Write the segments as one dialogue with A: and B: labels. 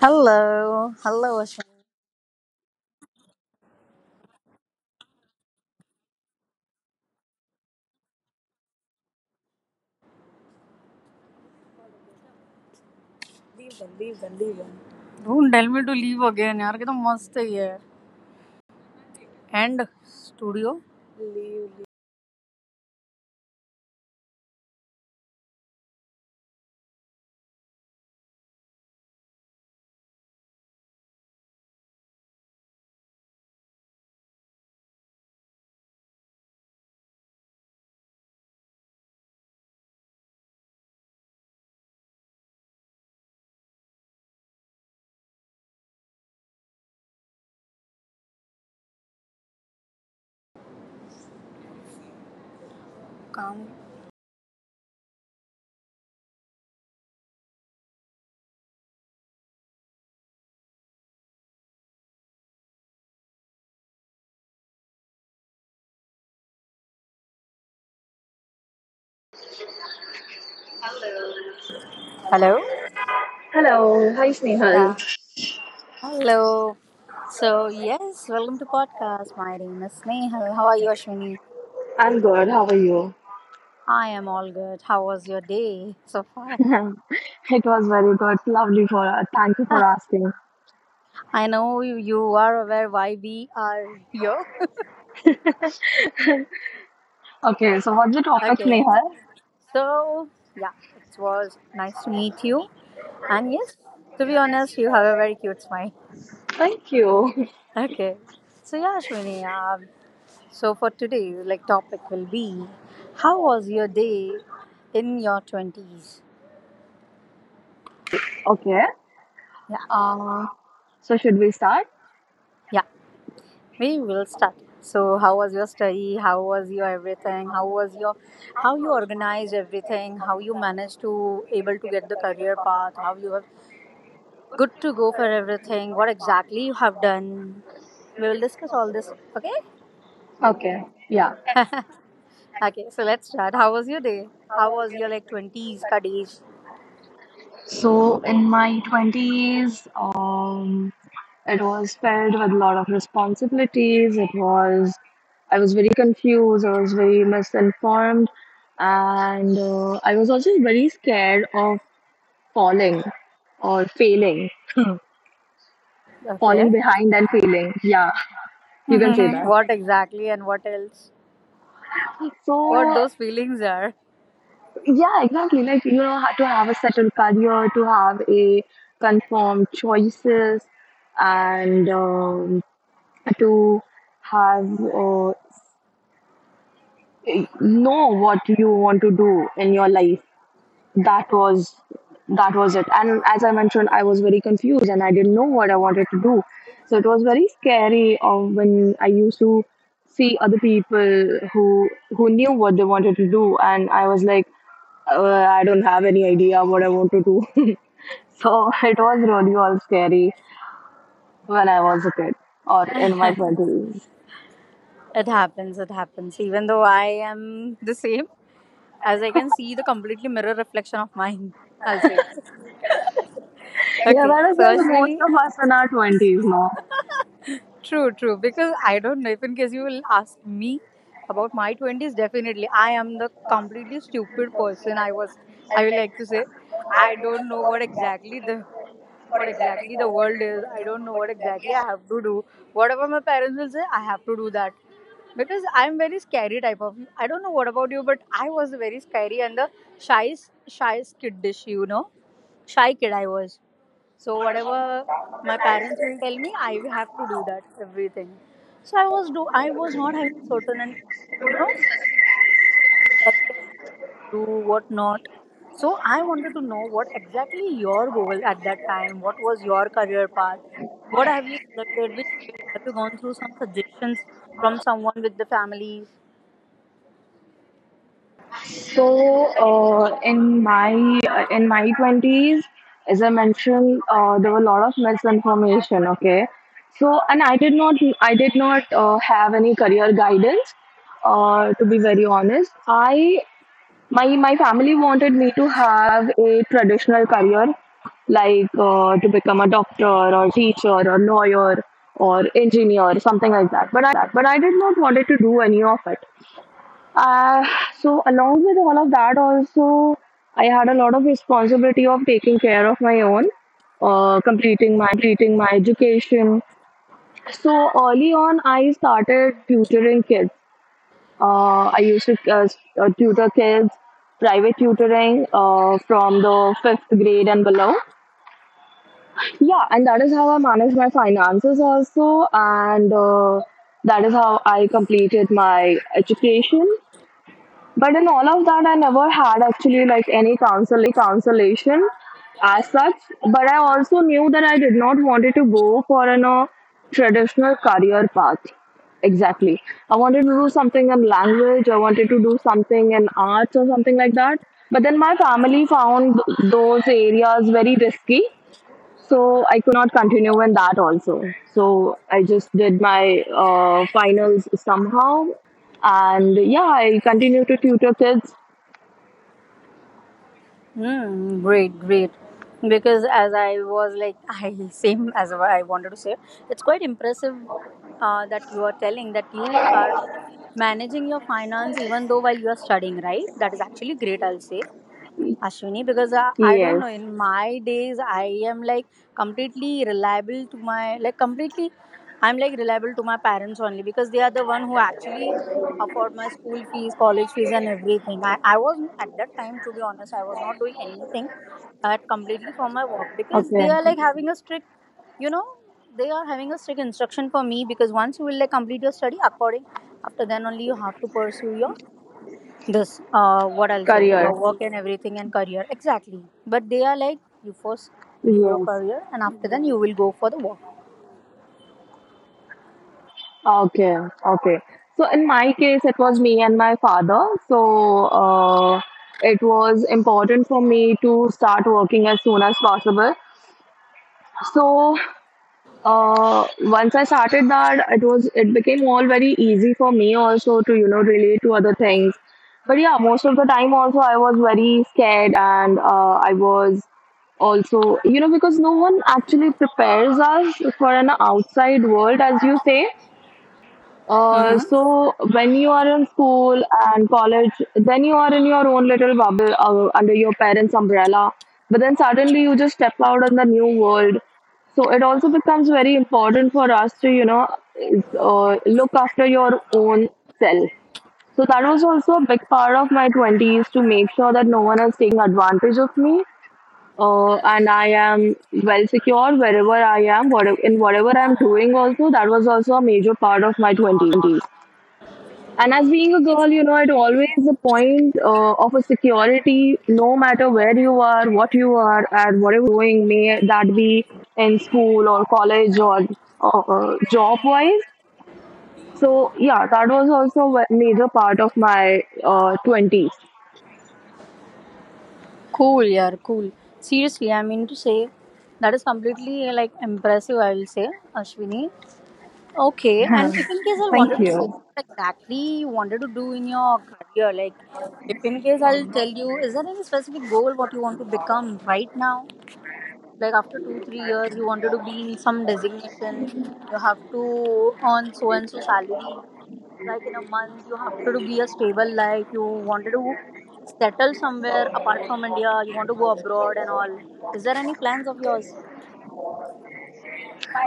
A: Hello, hello Ashan. Don't tell me to leave again. यार कितना मस्त है ये. And studio. Come. Hello.
B: Hello, hi Snehal.
A: Yeah. Hello. So yes, welcome to podcast. My name is Snehal. How are you, Ashwini?
B: I'm good. How are you?
A: I am all good. How was your day so far?
B: It was very good. Lovely for thank you for asking.
A: I know you are aware why we are here.
B: Okay, so what's the topic,
A: Okay.
B: Nehal?
A: So yeah, it was nice to meet you. And yes, to be honest, you have a very cute smile.
B: Thank you.
A: Okay. So yeah, Ashwini. So for today, like topic will be, how was your day in your twenties?
B: Okay.
A: Yeah.
B: Uh, so should we start?
A: Yeah, we will start. So, how was your study? How was your everything? How you organized everything? How you managed to able to get the career path? How you have good to go for everything? What exactly you have done? We will discuss all this. Okay.
B: Okay. Yeah.
A: Okay. So let's start. How was your day? How was your like twenties ka days?
B: So in my twenties, it was filled with a lot of responsibilities. I was very confused. I was very misinformed, and I was also very scared of falling or failing,
A: Okay.
B: falling behind and failing. Yeah, you can say that.
A: What exactly and what else?
B: So
A: What those feelings are?
B: yeah, exactly. Like you know, to have a settled career, to have a confirmed choices, and to have know what you want to do in your life, that was it. And as I mentioned, I was very confused and I didn't know what I wanted to do, so it was very scary. When I used to see other people who knew what they wanted to do, and I was like, I don't have any idea what I want to do. So it was really all scary when I was a kid or in my 20s.
A: It happens, it happens. Even though I am the same, as I can see the completely mirror reflection of mine, I'll say.
B: Yeah,
A: Okay,
B: that was
A: so
B: like most
A: Ashwini,
B: of us in our 20s now.
A: true, true. Because I don't know if in case you will ask me about my 20s, definitely I am the completely stupid person I was, I would like to say. I don't know what exactly the world is. I don't know what exactly I have to do. Whatever my parents will say, I have to do that. Because I'm very scary type of. I don't know what about you, but I was very scary and the shy, shy kid dish, you know, shy kid I was. So whatever my parents will tell me, I will have to do that everything. So I was not having a certain and you know exactly I wanted to do what not. So I wanted to know what exactly your goal at that time. What was your career path? What have you selected? Which field have you gone through? Some suggestions from someone with the family.
B: So in my twenties, as I mentioned, there were a lot of misinformation. Okay, so, and I did not, have any career guidance. To be very honest, I my family wanted me to have a traditional career, like to become a doctor or teacher or lawyer or engineer, something like that. But I did not wanted to do any of it. Uh, so along with all of that, also I had a lot of responsibility of taking care of my own, completing my education. So early on, I started tutoring kids. I used to tutor kids, private tutoring from the fifth grade and below. Yeah, and that is how I managed my finances also, and that is how I completed my education. But in all of that, I never had actually like any consolation as such. But I also knew that I did not wanted to go for an a traditional career path. Exactly. I wanted to do something in language. I wanted to do something in arts or something like that. But then my family found those areas very risky. So I could not continue in that also. So I just did my finals somehow, and yeah, I continue to tutor kids.
A: Mm, great, great. Because as I was like, I same as what I wanted to say, it's quite impressive that you are telling that you are managing your finance even though while you are studying, right? That is actually great, I'll say. Ashwini, because I don't know,
B: Yes.
A: in my days, I am like completely reliable to my, like completely, I'm like reliable to my parents only, because they are the one who actually afford my school fees, college fees, and everything. I was at that time, to be honest, I was not doing anything at completely for my work, because they
B: Okay.
A: are like having a strict, you know, they are having a strict instruction for me. Because once you will like complete your study according, after then only you have to pursue your this what i'll say
B: Career.
A: your work and everything and career exactly. But they are like you first do your
B: Yes.
A: career and after then you will go for the work.
B: Okay. Okay. So in my case, it was me and my father. So it was important for me to start working as soon as possible. So once I started that, it became all very easy for me also to, you know, relate to other things. But yeah, most of the time also I was very scared and I was also, you know, because no one actually prepares us for an outside world, as you say.
A: Mm-hmm.
B: So when you are in school and college, then you are in your own little bubble under your parents' umbrella. But then suddenly you just step out in the new world. So it also becomes very important for us to, you know, look after your own self. So that was also a big part of my 20s, to make sure that no one is taking advantage of me. And I am well secure wherever I am, in whatever I'm doing also. That was also a major part of my 20s. And as being a girl, you know, it always the point of a security, no matter where you are, what you are, and whatever you're doing, may that be in school or college or job wise. So, yeah, that was also a major part of my 20s.
A: Cool, yeah, cool, seriously, I mean to say that is completely like impressive I will say Ashwini. Okay, and if in case I
B: Thank
A: wanted to say
B: you.
A: what exactly you wanted to do in your career, like if in case I'll tell you, is there any specific goal what you want to become right now? Like after two, three years, you wanted to be in some designation. You have to earn so and so salary. Like in a month, you have to be a stable life. You wanted to settle somewhere apart from India. You want to go abroad and all. Is there any plans of yours?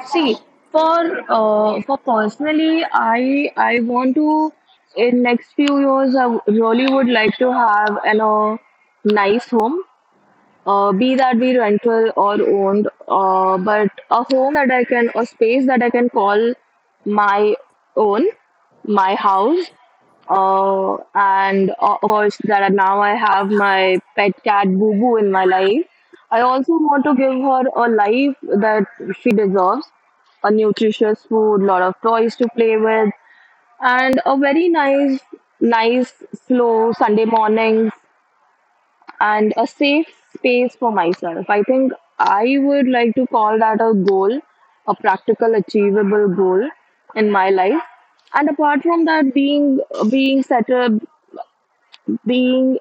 B: See, for for personally, I want to, in next few years, really would like to have an a nice home, be that be rental or owned, but a home that I can, a space that I can call my own, my house. And of course, now I have my pet cat Boo Boo in my life. I also want to give her a life that she deserves, a nutritious food, lot of toys to play with, and a very nice, nice, slow Sunday morning and a safe space for myself. I think I would like to call that a goal, a practical, achievable goal in my life. And apart from that, being settled, being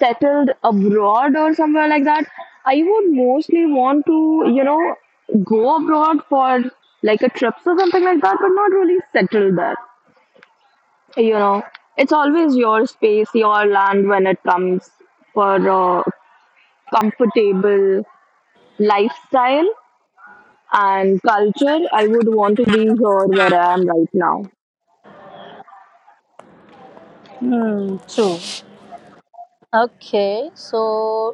B: settled abroad or somewhere like that, I would mostly want to, you know, go abroad for like a trips or something like that, but not really settle there. You know, it's always your space, your land when it comes for a comfortable lifestyle and culture, I would want to be here where I am right now.
A: Hmm. True. Okay. So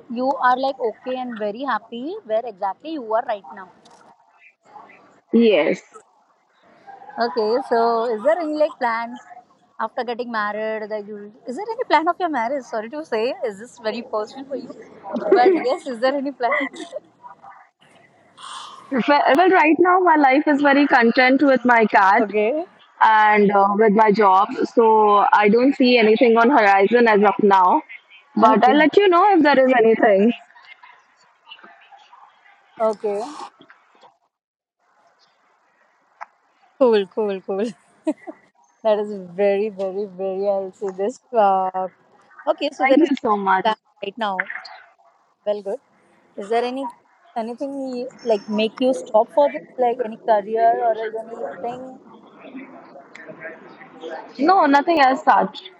A: you are like okay and very happy where exactly you are right now.
B: Yes.
A: Okay, so is there any like plan after getting married, that is there any plan of your marriage? Sorry to say, is this very personal for you? But yes, is there any plan?
B: Well, well, right now my life is very content with my cat
A: Okay.
B: and with my job, so I don't see anything on horizon as of now. But I'll
A: Okay.
B: let you know if there is anything.
A: Okay. Cool, cool, cool. That is very, very, very I'll say this. Okay, so
B: Thank
A: there is
B: you
A: no
B: so much.
A: plan right now. Well good. Is there anything like make you stop for this? Like any career or else anything.
B: No, nothing as such.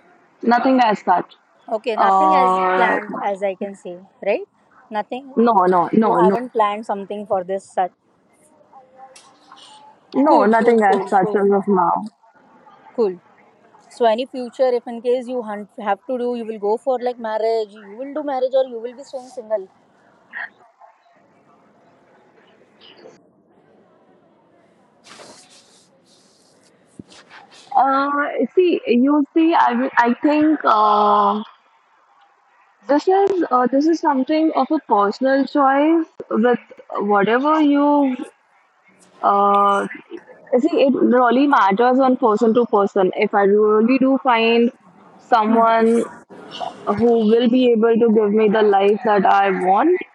B: Nothing as such.
A: Okay, nothing as
B: Uh,
A: planned as I can see, right? Nothing.
B: no, no, no,
A: You
B: no,
A: haven't planned something for this such.
B: no,
A: Cool, cool,
B: nothing as
A: cool,
B: such
A: cool,
B: as of now.
A: cool. So, any future, if in case you have to do, you will go for like marriage, you will do marriage or you will be staying single.
B: Uh, See, you see, I think this is something of a personal choice with whatever you uh, see. It really matters on person to person. If I really do find someone who will be able to give me the life that I want,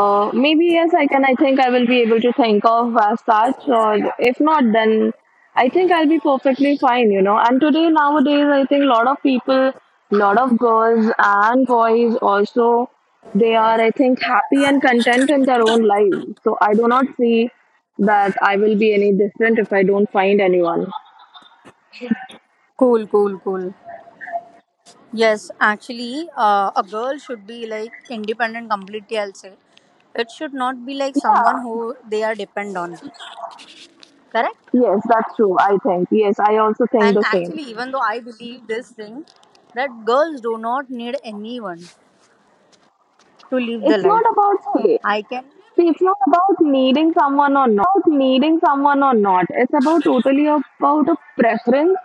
B: Maybe yes, I can. I think I will be able to think of as such, or if not, then I think I'll be perfectly fine, you know. And today, nowadays, I think a lot of people, lot of girls and boys also, they are, I think, happy and content in their own life. So I do not see that I will be any different if I don't find anyone.
A: Cool, cool, cool. Yes, actually, a girl should be like independent completely, I'll say. It should not be like someone
B: Yeah,
A: who they are depend on. Correct?
B: yes, that's true. I think. Yes, I also think
A: And
B: the same.
A: actually, even though I believe this thing, that girls do not need anyone to live the
B: It's
A: life.
B: not about, hey,
A: I can.
B: see, it's not about needing someone or not. It's about totally about a preference.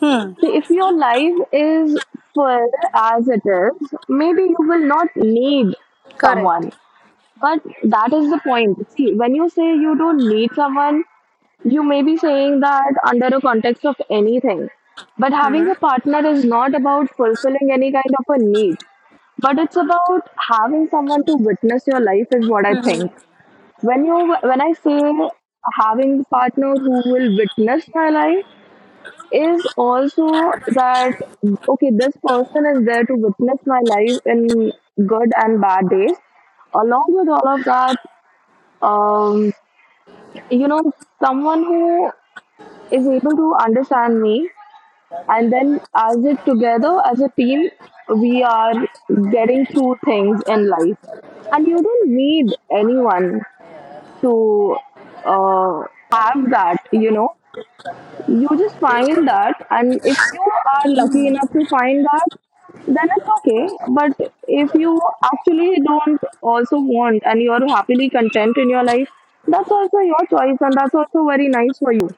A: Hmm.
B: See, if your life is full as it is, maybe you will not need
A: Correct.
B: someone. But that is the point. See, when you say you don't need someone, you may be saying that under a context of anything. But having
A: Mm-hmm.
B: a partner is not about fulfilling any kind of a need. But it's about having someone to witness your life, is what I
A: Mm-hmm.
B: think, when you when I say having the partner who will witness my life is also that, okay, this person is there to witness my life in good and bad days, along with all of that. um, you know, someone who is able to understand me, and then as it together as a team, we are getting through things in life. And you don't need anyone to uh, have that, you know. You just find that, and if you are lucky enough to find that, then it's okay. But if you actually don't also want and you're happily content in your life, that's also your choice, and that's also very nice for you,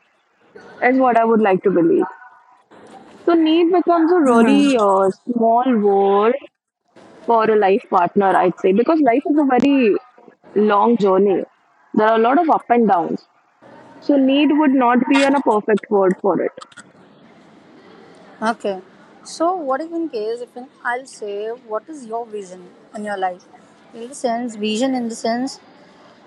B: is what I would like to believe. So, need becomes a really
A: Mm-hmm.
B: small word for a life partner, I'd say, because life is a very long journey. There are a lot of up and downs. So need would not be a perfect word for it.
A: Okay. So, what if in case, if in, I'll say, what is your vision in your life? In the sense, vision in the sense,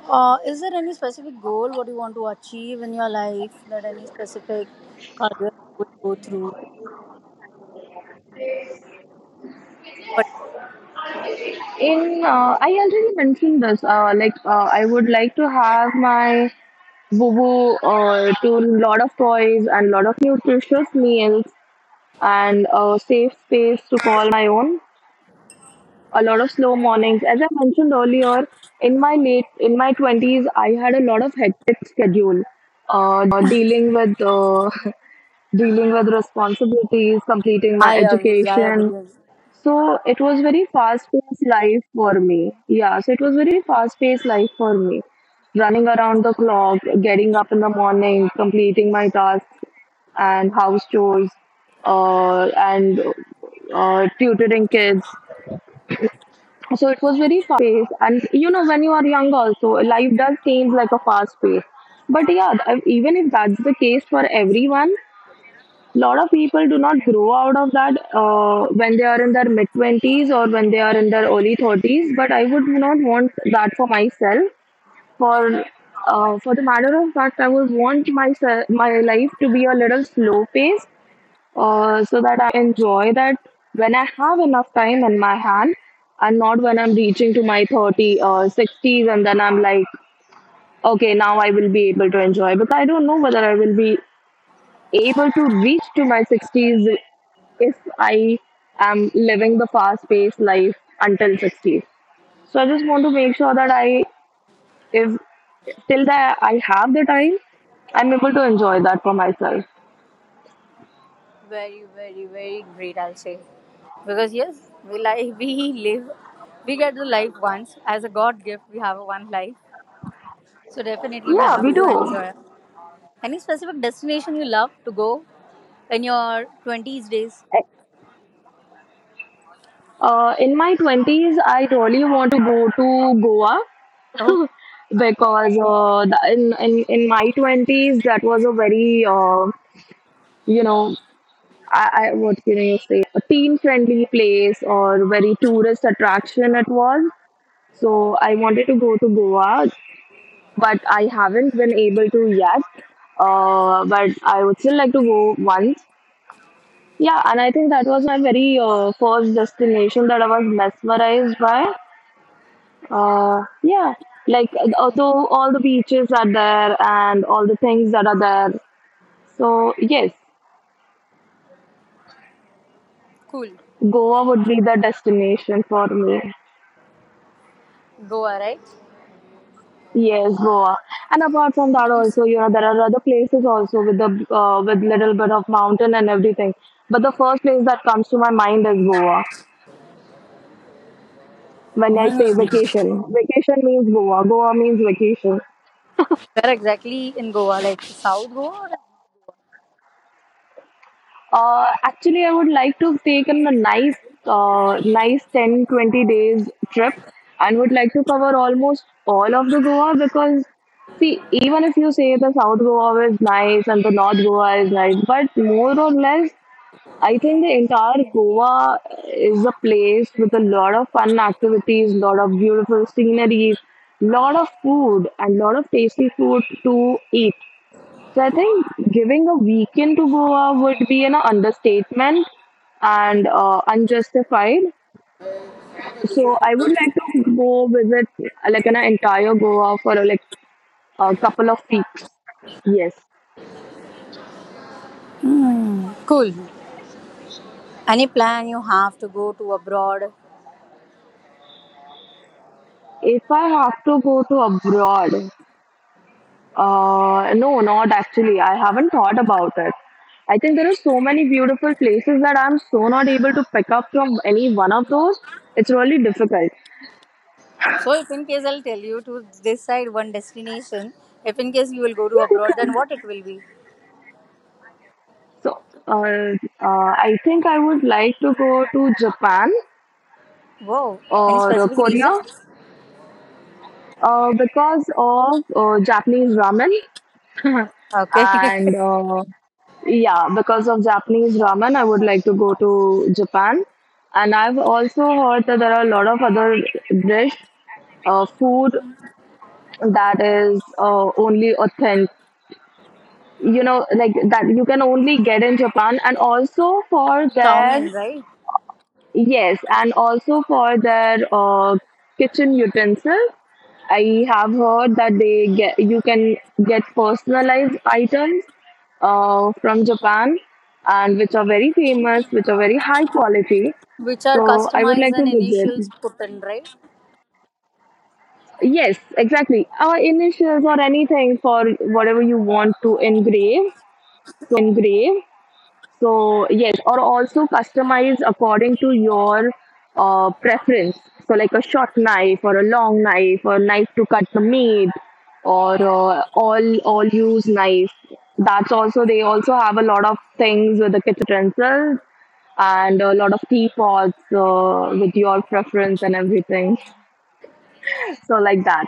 A: is there any specific goal what you want to achieve in your life? That any specific career you will go through? But
B: In I already mentioned this. Like I would like to have my Boo Boo to lot of toys and lot of nutritious meals and a safe space to call my own. A lot of slow mornings. As I mentioned earlier, in my twenties, I had a lot of hectic schedule, dealing with dealing with responsibilities, completing my
A: I agree. I
B: education.
A: agree.
B: So it was very fast-paced life for me. Yeah, so it was very fast-paced life for me. Running around the clock, getting up in the morning, completing my tasks and house chores, and tutoring kids. So it was very fast-paced. And you know, when you are young, also life does seem like a fast pace. But yeah, even if that's the case for everyone, lot of people do not grow out of that when they are in their mid 20s or when they are in their early 30s. But I would not want that for myself. For uh, for the matter of fact, I would want myself, my life, to be a little slow paced, so that I'm able to enjoy that when I have enough time in my hand and not when I'm reaching to my 30 or 60s and then I'm like, okay, now I will be able to enjoy, because I don't know whether I will be able to reach to my 60s if I am living the fast paced life until 60s. So I just want to make sure that I, if till that I have the time, I'm able to enjoy that for myself.
A: Very, very, very great, I'll say. Because yes, we like we live, we get the life once as a God gift. We have a one life, so definitely we
B: Yeah, we
A: have to
B: do.
A: enjoy. Any specific destination you love to go in your twenties days?
B: In my 20s, I really wanted to go to Goa
A: Oh,
B: because in my 20s, that was a very, you know, I what can you say, a teen friendly place or very tourist attraction it was, so I wanted to go to Goa, but I haven't been able to yet. But I would still like to go once. Yeah, and I think that was my very, first destination that I was mesmerized by. Yeah, like, although all the beaches are there and all the things that are there, so yes,
A: cool.
B: Goa would be the destination for me.
A: Goa, right?
B: Yes, Goa. And apart from that, also, there are other places also with the with little bit of mountain and everything. But the first place that comes to my mind is Goa. When I say vacation, vacation means Goa. Goa means vacation.
A: Where exactly in Goa? Like South Goa? Or...
B: Actually, I would like to take in a nice, nice 10-20 days trip and would like to cover almost all of the Goa, because see, even if you say the South Goa is nice and the North Goa is nice, but more or less I think the entire Goa is a place with a lot of fun activities, lot of beautiful sceneries, lot of food, and lot of tasty food to eat. So I think giving a weekend to Goa would be an understatement and unjustified. So I would like to go visit like an entire Goa for like a couple of weeks. Yes.
A: Cool. Any plan you have to go to abroad?
B: If I have to go to abroad, no, not actually. I haven't thought about it. I think there are so many beautiful places that I'm so not able to pick up from any one of those. It's really difficult.
A: So if in case I'll tell you to decide one destination, if in case you will go
B: Yeah,
A: to
B: you
A: abroad, then
B: can.
A: what it will be?
B: So, uh, uh, I think I would like to go to Japan
A: Wow, any
B: or
A: specific reason?
B: Korea because of Japanese ramen.
A: Okay,
B: And yeah, because of Japanese ramen, I would like to go to Japan. And I've also heard that there are a lot of other dish, food that is only authentic. You know, like that you can only get in Japan, and also for their,
A: Chowmin, right?
B: yes, and also for their kitchen utensils. I have heard that they get you can get personalized items from Japan, and which are very famous, which are very high quality.
A: Which are
B: So I would
A: customized
B: like
A: and
B: to visit.
A: initials put in, right?
B: Yes, exactly. Our initials or anything for whatever you want to engrave. So yes, or also customize according to your preference. So like a short knife or a long knife or knife to cut the meat, or all use knife. That's also, they also have a lot of things with the kitchen utensils and a lot of teapots with your preference and everything. So like that.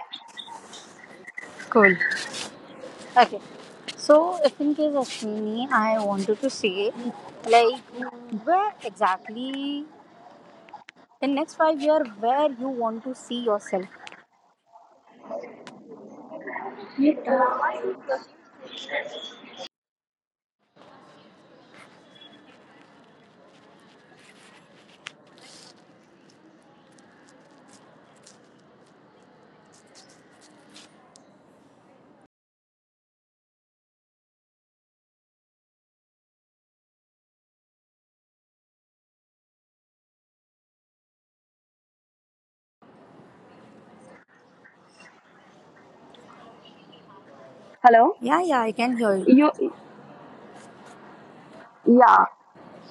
A: Cool. Okay, so if in case Ashwini, I wanted to say, like, where exactly in next five year where you want to see yourself?
B: Hello,
A: Yeah, yeah, I can hear you.
B: you. Yeah.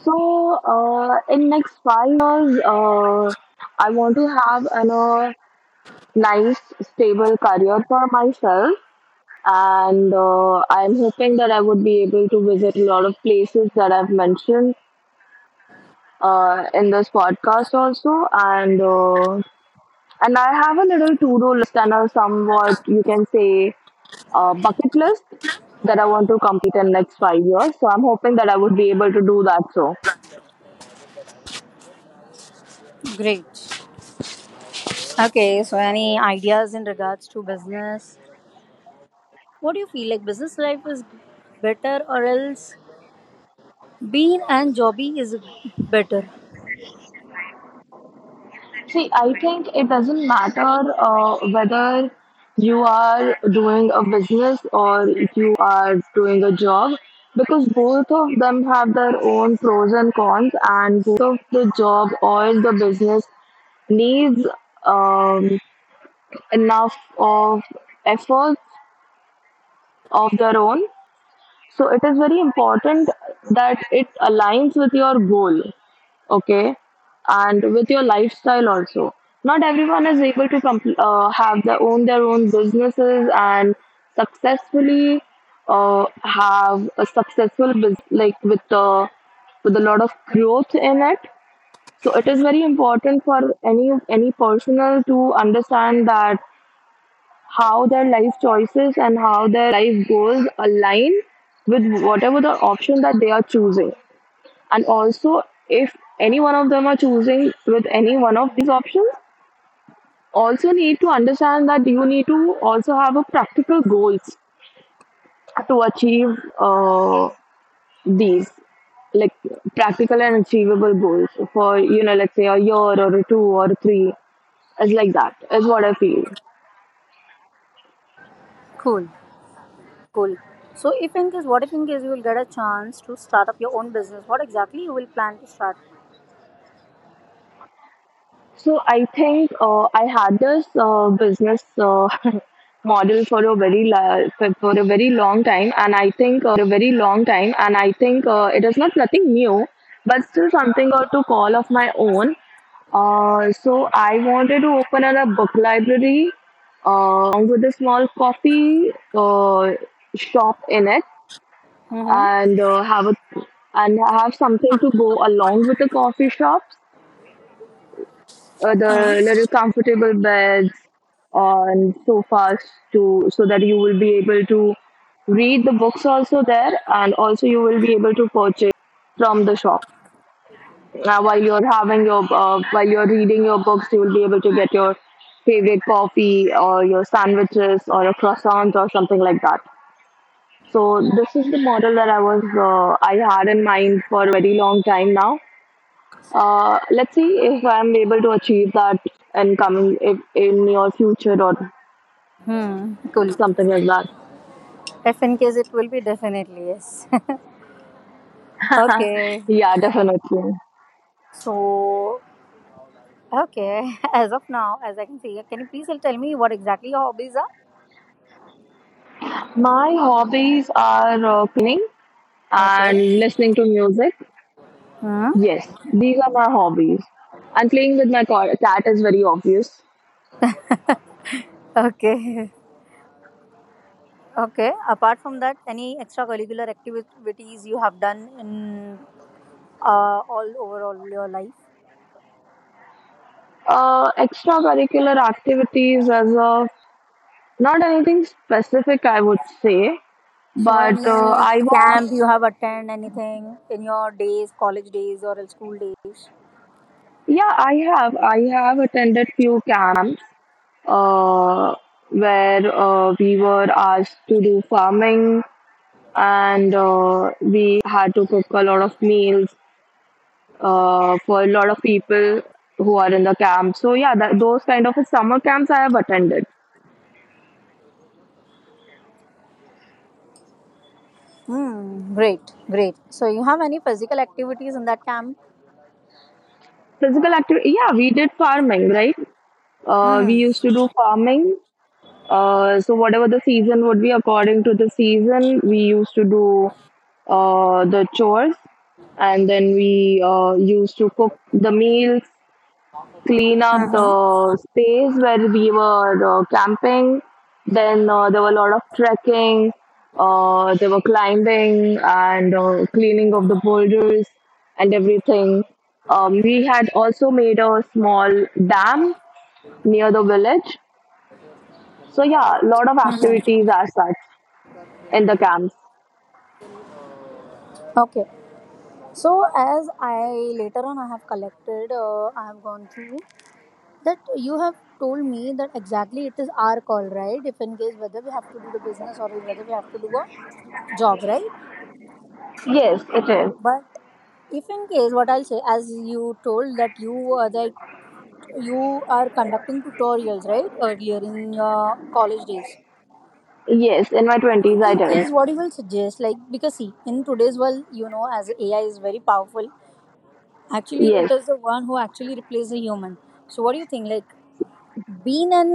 B: So, in next 5 years, I want to have a nice, stable career for myself, and I'm hoping that I would be able to visit a lot of places that I've mentioned in this podcast also, and I have a little to-do list and a somewhat, you can say, bucket list that I want to complete in next 5 years. So I'm hoping that I would be able to do that. So.
A: Great. Okay, so any ideas in regards to business? What do you feel like business life is better or else being and jobby is better?
B: See, I think it doesn't matter whether you are doing a business or you are doing a job, because both of them have their own pros and cons, and both of the job or the business needs um, enough of efforts of their own. So it is very important that it aligns with your goal, okay, and with your lifestyle also. Not everyone is able to have their own businesses and successfully have a successful business, like with a lot of growth in it. So it is very important for any personal to understand that how their life choices and how their life goals align with whatever the option that they are choosing. And also, if any one of them are choosing with any one of these options, also need to understand that you need to also have a practical goals to achieve uh, these, like practical and achievable goals for, let's say a year or a two or a three, is like, that is what I feel.
A: Cool, cool. So, if in case, what if in case you will get a chance to start up your own business? What exactly you will plan to start?
B: So I think I had this business model for a very long time, and I think it is not nothing new, but still something or to call of my own. So I wanted to open a book library along with a small coffee shop in it,
A: Mm-hmm.
B: and have a and have something to go along with the coffee shops, the little comfortable beds on sofas, to so that you will be able to read the books also there, and also you will be able to purchase the books from the shop. Now, while you're having your, while you're reading your books, you will be able to get your favorite coffee or your sandwiches or a croissant or something like that. So this is the model that I had in mind for a very long time now. Let's see if I'm able to achieve that in coming in your future or
A: Hmm. Cool.
B: something like
A: If in case it will be definitely yes.
B: that.
A: Okay.
B: Yeah, definitely.
A: So, okay. As of now, as I can see, can you please tell me what exactly your hobbies are?
B: My hobbies are cleaning
A: Okay.
B: and listening to music.
A: Hmm.
B: Yes, these are my hobbies. And playing with my cat is very obvious.
A: Okay. Okay. Apart from that, any extracurricular activities you have done in all overall your life?
B: Extracurricular activities as a, not anything specific, I would say,
A: So
B: but uh,
A: any
B: I wa-
A: camp you have attended anything in your days, college days or in school days?
B: yeah, I have attended few camps uh, where we were asked to do farming, and we had to cook a lot of meals for a lot of people who are in the camp. So yeah, those kind of summer camps I have attended.
A: Hmm, great, great. So you have any physical activities in that camp?
B: Physical activity, yeah, we did farming, right? We used
A: Mm-hmm.
B: to do farming. So, whatever the season would be, according to the season, we used to do the chores, and then we used to cook the meals, clean up
A: Mm-hmm.
B: the space where we were camping. Then there were a lot of trekking, there were climbing and cleaning of the boulders and everything. We had also made a small dam near the village. So yeah, a lot of activities are such in the camps.
A: Okay. So as I later on I have collected, I have gone through that you have told me that exactly it is our call, right? If in case whether we have to do the business or whether we have to do a job, right?
B: Yes, it is.
A: But if in case what I'll say, as you told that you were like you are conducting tutorials right earlier in your college days
B: Yes, in my
A: in
B: 20s I
A: in
B: did.
A: case what you will suggest like because see in today's world you know as AI is very powerful actually it
B: Yes.
A: is the one who actually replaces a human so what do you think like being an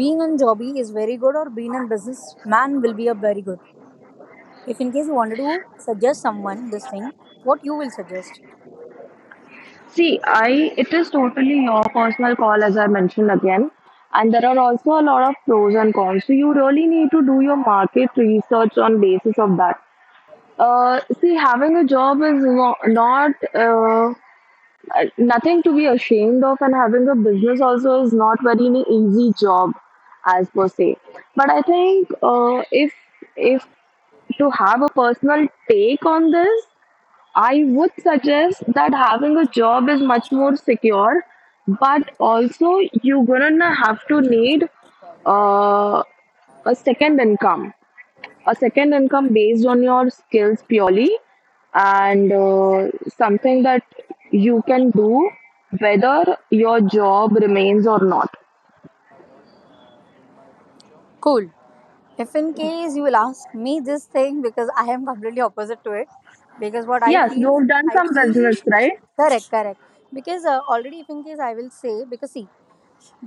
A: being an jobby is very good or being an businessman will be a very good if in case you wanted to suggest someone this thing what you will suggest.
B: See, I it is totally your personal call, as I mentioned again. And there are also a lot of pros and cons. So you really need to do your market research on basis of that. See, having a job is no, not nothing to be ashamed of, and having a business also is not very an easy job, as per se. But I think if to have a personal take on this, I would suggest that having a job is much more secure, but also you're gonna have to need uh, a second income, based on your skills purely, and something that you can do whether your job remains or not.
A: Cool. If in case you will ask me this thing, because I am completely opposite to it, because what I
B: Yes,
A: feel,
B: you've done
A: I
B: some
A: feel
B: business, right?
A: correct, correct. Because already, if in case I will say, because see,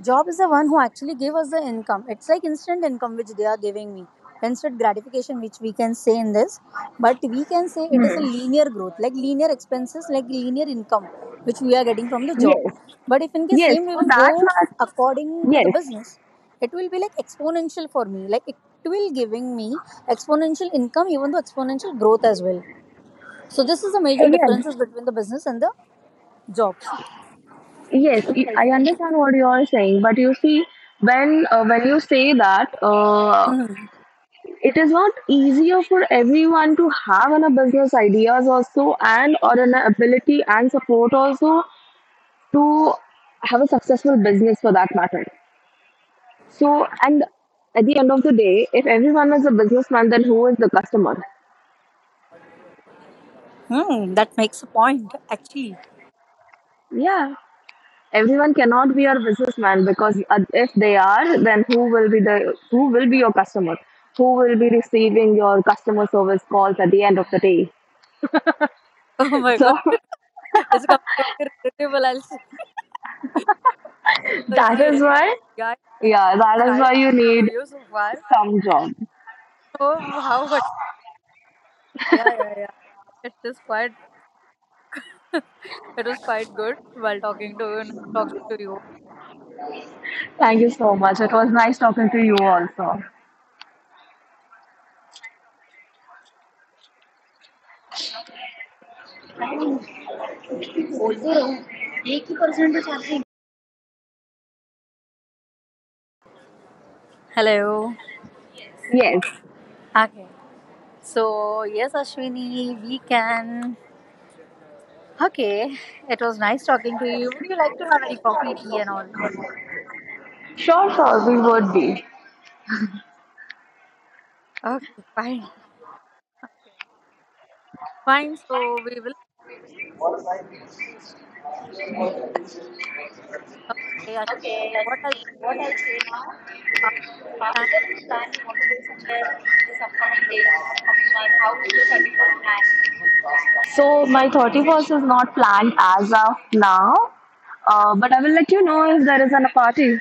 A: job is the one who actually gave us the income. It's like instant income which they are giving me. Instant gratification, which we can say in this, but we can say it is a linear growth, like linear expenses, like linear income, which we are getting from the job.
B: Yes,
A: But if in case
B: yes,
A: same we
B: for
A: will
B: that
A: go
B: matter,
A: according to the
B: yes,
A: business, it will be like exponential for me. Like it will giving me exponential income, even though exponential growth as well. So this is the major
B: yes,
A: differences between the business and the jobs.
B: yes, I understand what you are saying, but you see, when you say that, it is not easier for everyone to have a business ideas also, and or an ability and support also to have a successful business for that matter. So, and at the end of the day, if everyone is a businessman, then who is the customer?
A: Hmm, that makes a point actually.
B: Yeah. Everyone cannot be your businessman, because if they are, then who will be your customer? Who will be receiving your customer service calls at the end of the day?
A: Oh my god.
B: So
A: It's completely relatable. I'll say,
B: that
A: okay, yeah,
B: is why.
A: yeah, it
B: Yeah,
A: was
B: that is
A: nice
B: why you
A: to
B: need
A: you so far.
B: some job.
A: So how much? Yeah, yeah, yeah. It is quite. It was quite good while talking to you. Nice talking to you.
B: Thank you so much. It was nice talking to you also.
A: Hello.
B: Yes.
A: Okay. So yes, Ashwini, we can. Okay. It was nice talking to you. Would you like to have any coffee, tea, and all?
B: Sure, sure, we would be.
A: Okay, fine. Okay, fine. So we will. Okay, Ashwini, what else? Uh, thank-
B: So my 31st is not planned as of now. But I will let you know if there is a party.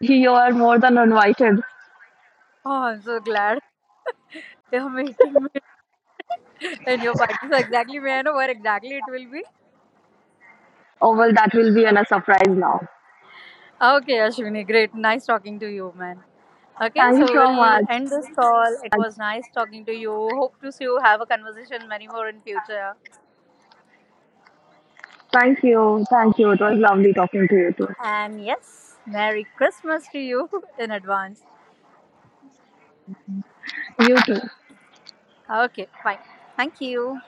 B: You are more than invited.
A: Oh, I'm so glad you're making me and your party, so exactly, may I know where exactly it will be?
B: Oh well, that will be a surprise now.
A: Okay, Ashwini, great. Nice talking to you, man. Okay,
B: Thank you
A: so
B: so
A: we'll
B: much.
A: end this call. It was nice talking to you. Hope to see you have a conversation many more in future.
B: Thank you. Thank you. It was lovely talking to you too.
A: And yes, Merry Christmas to you in advance.
B: You too.
A: Okay, fine. Thank you.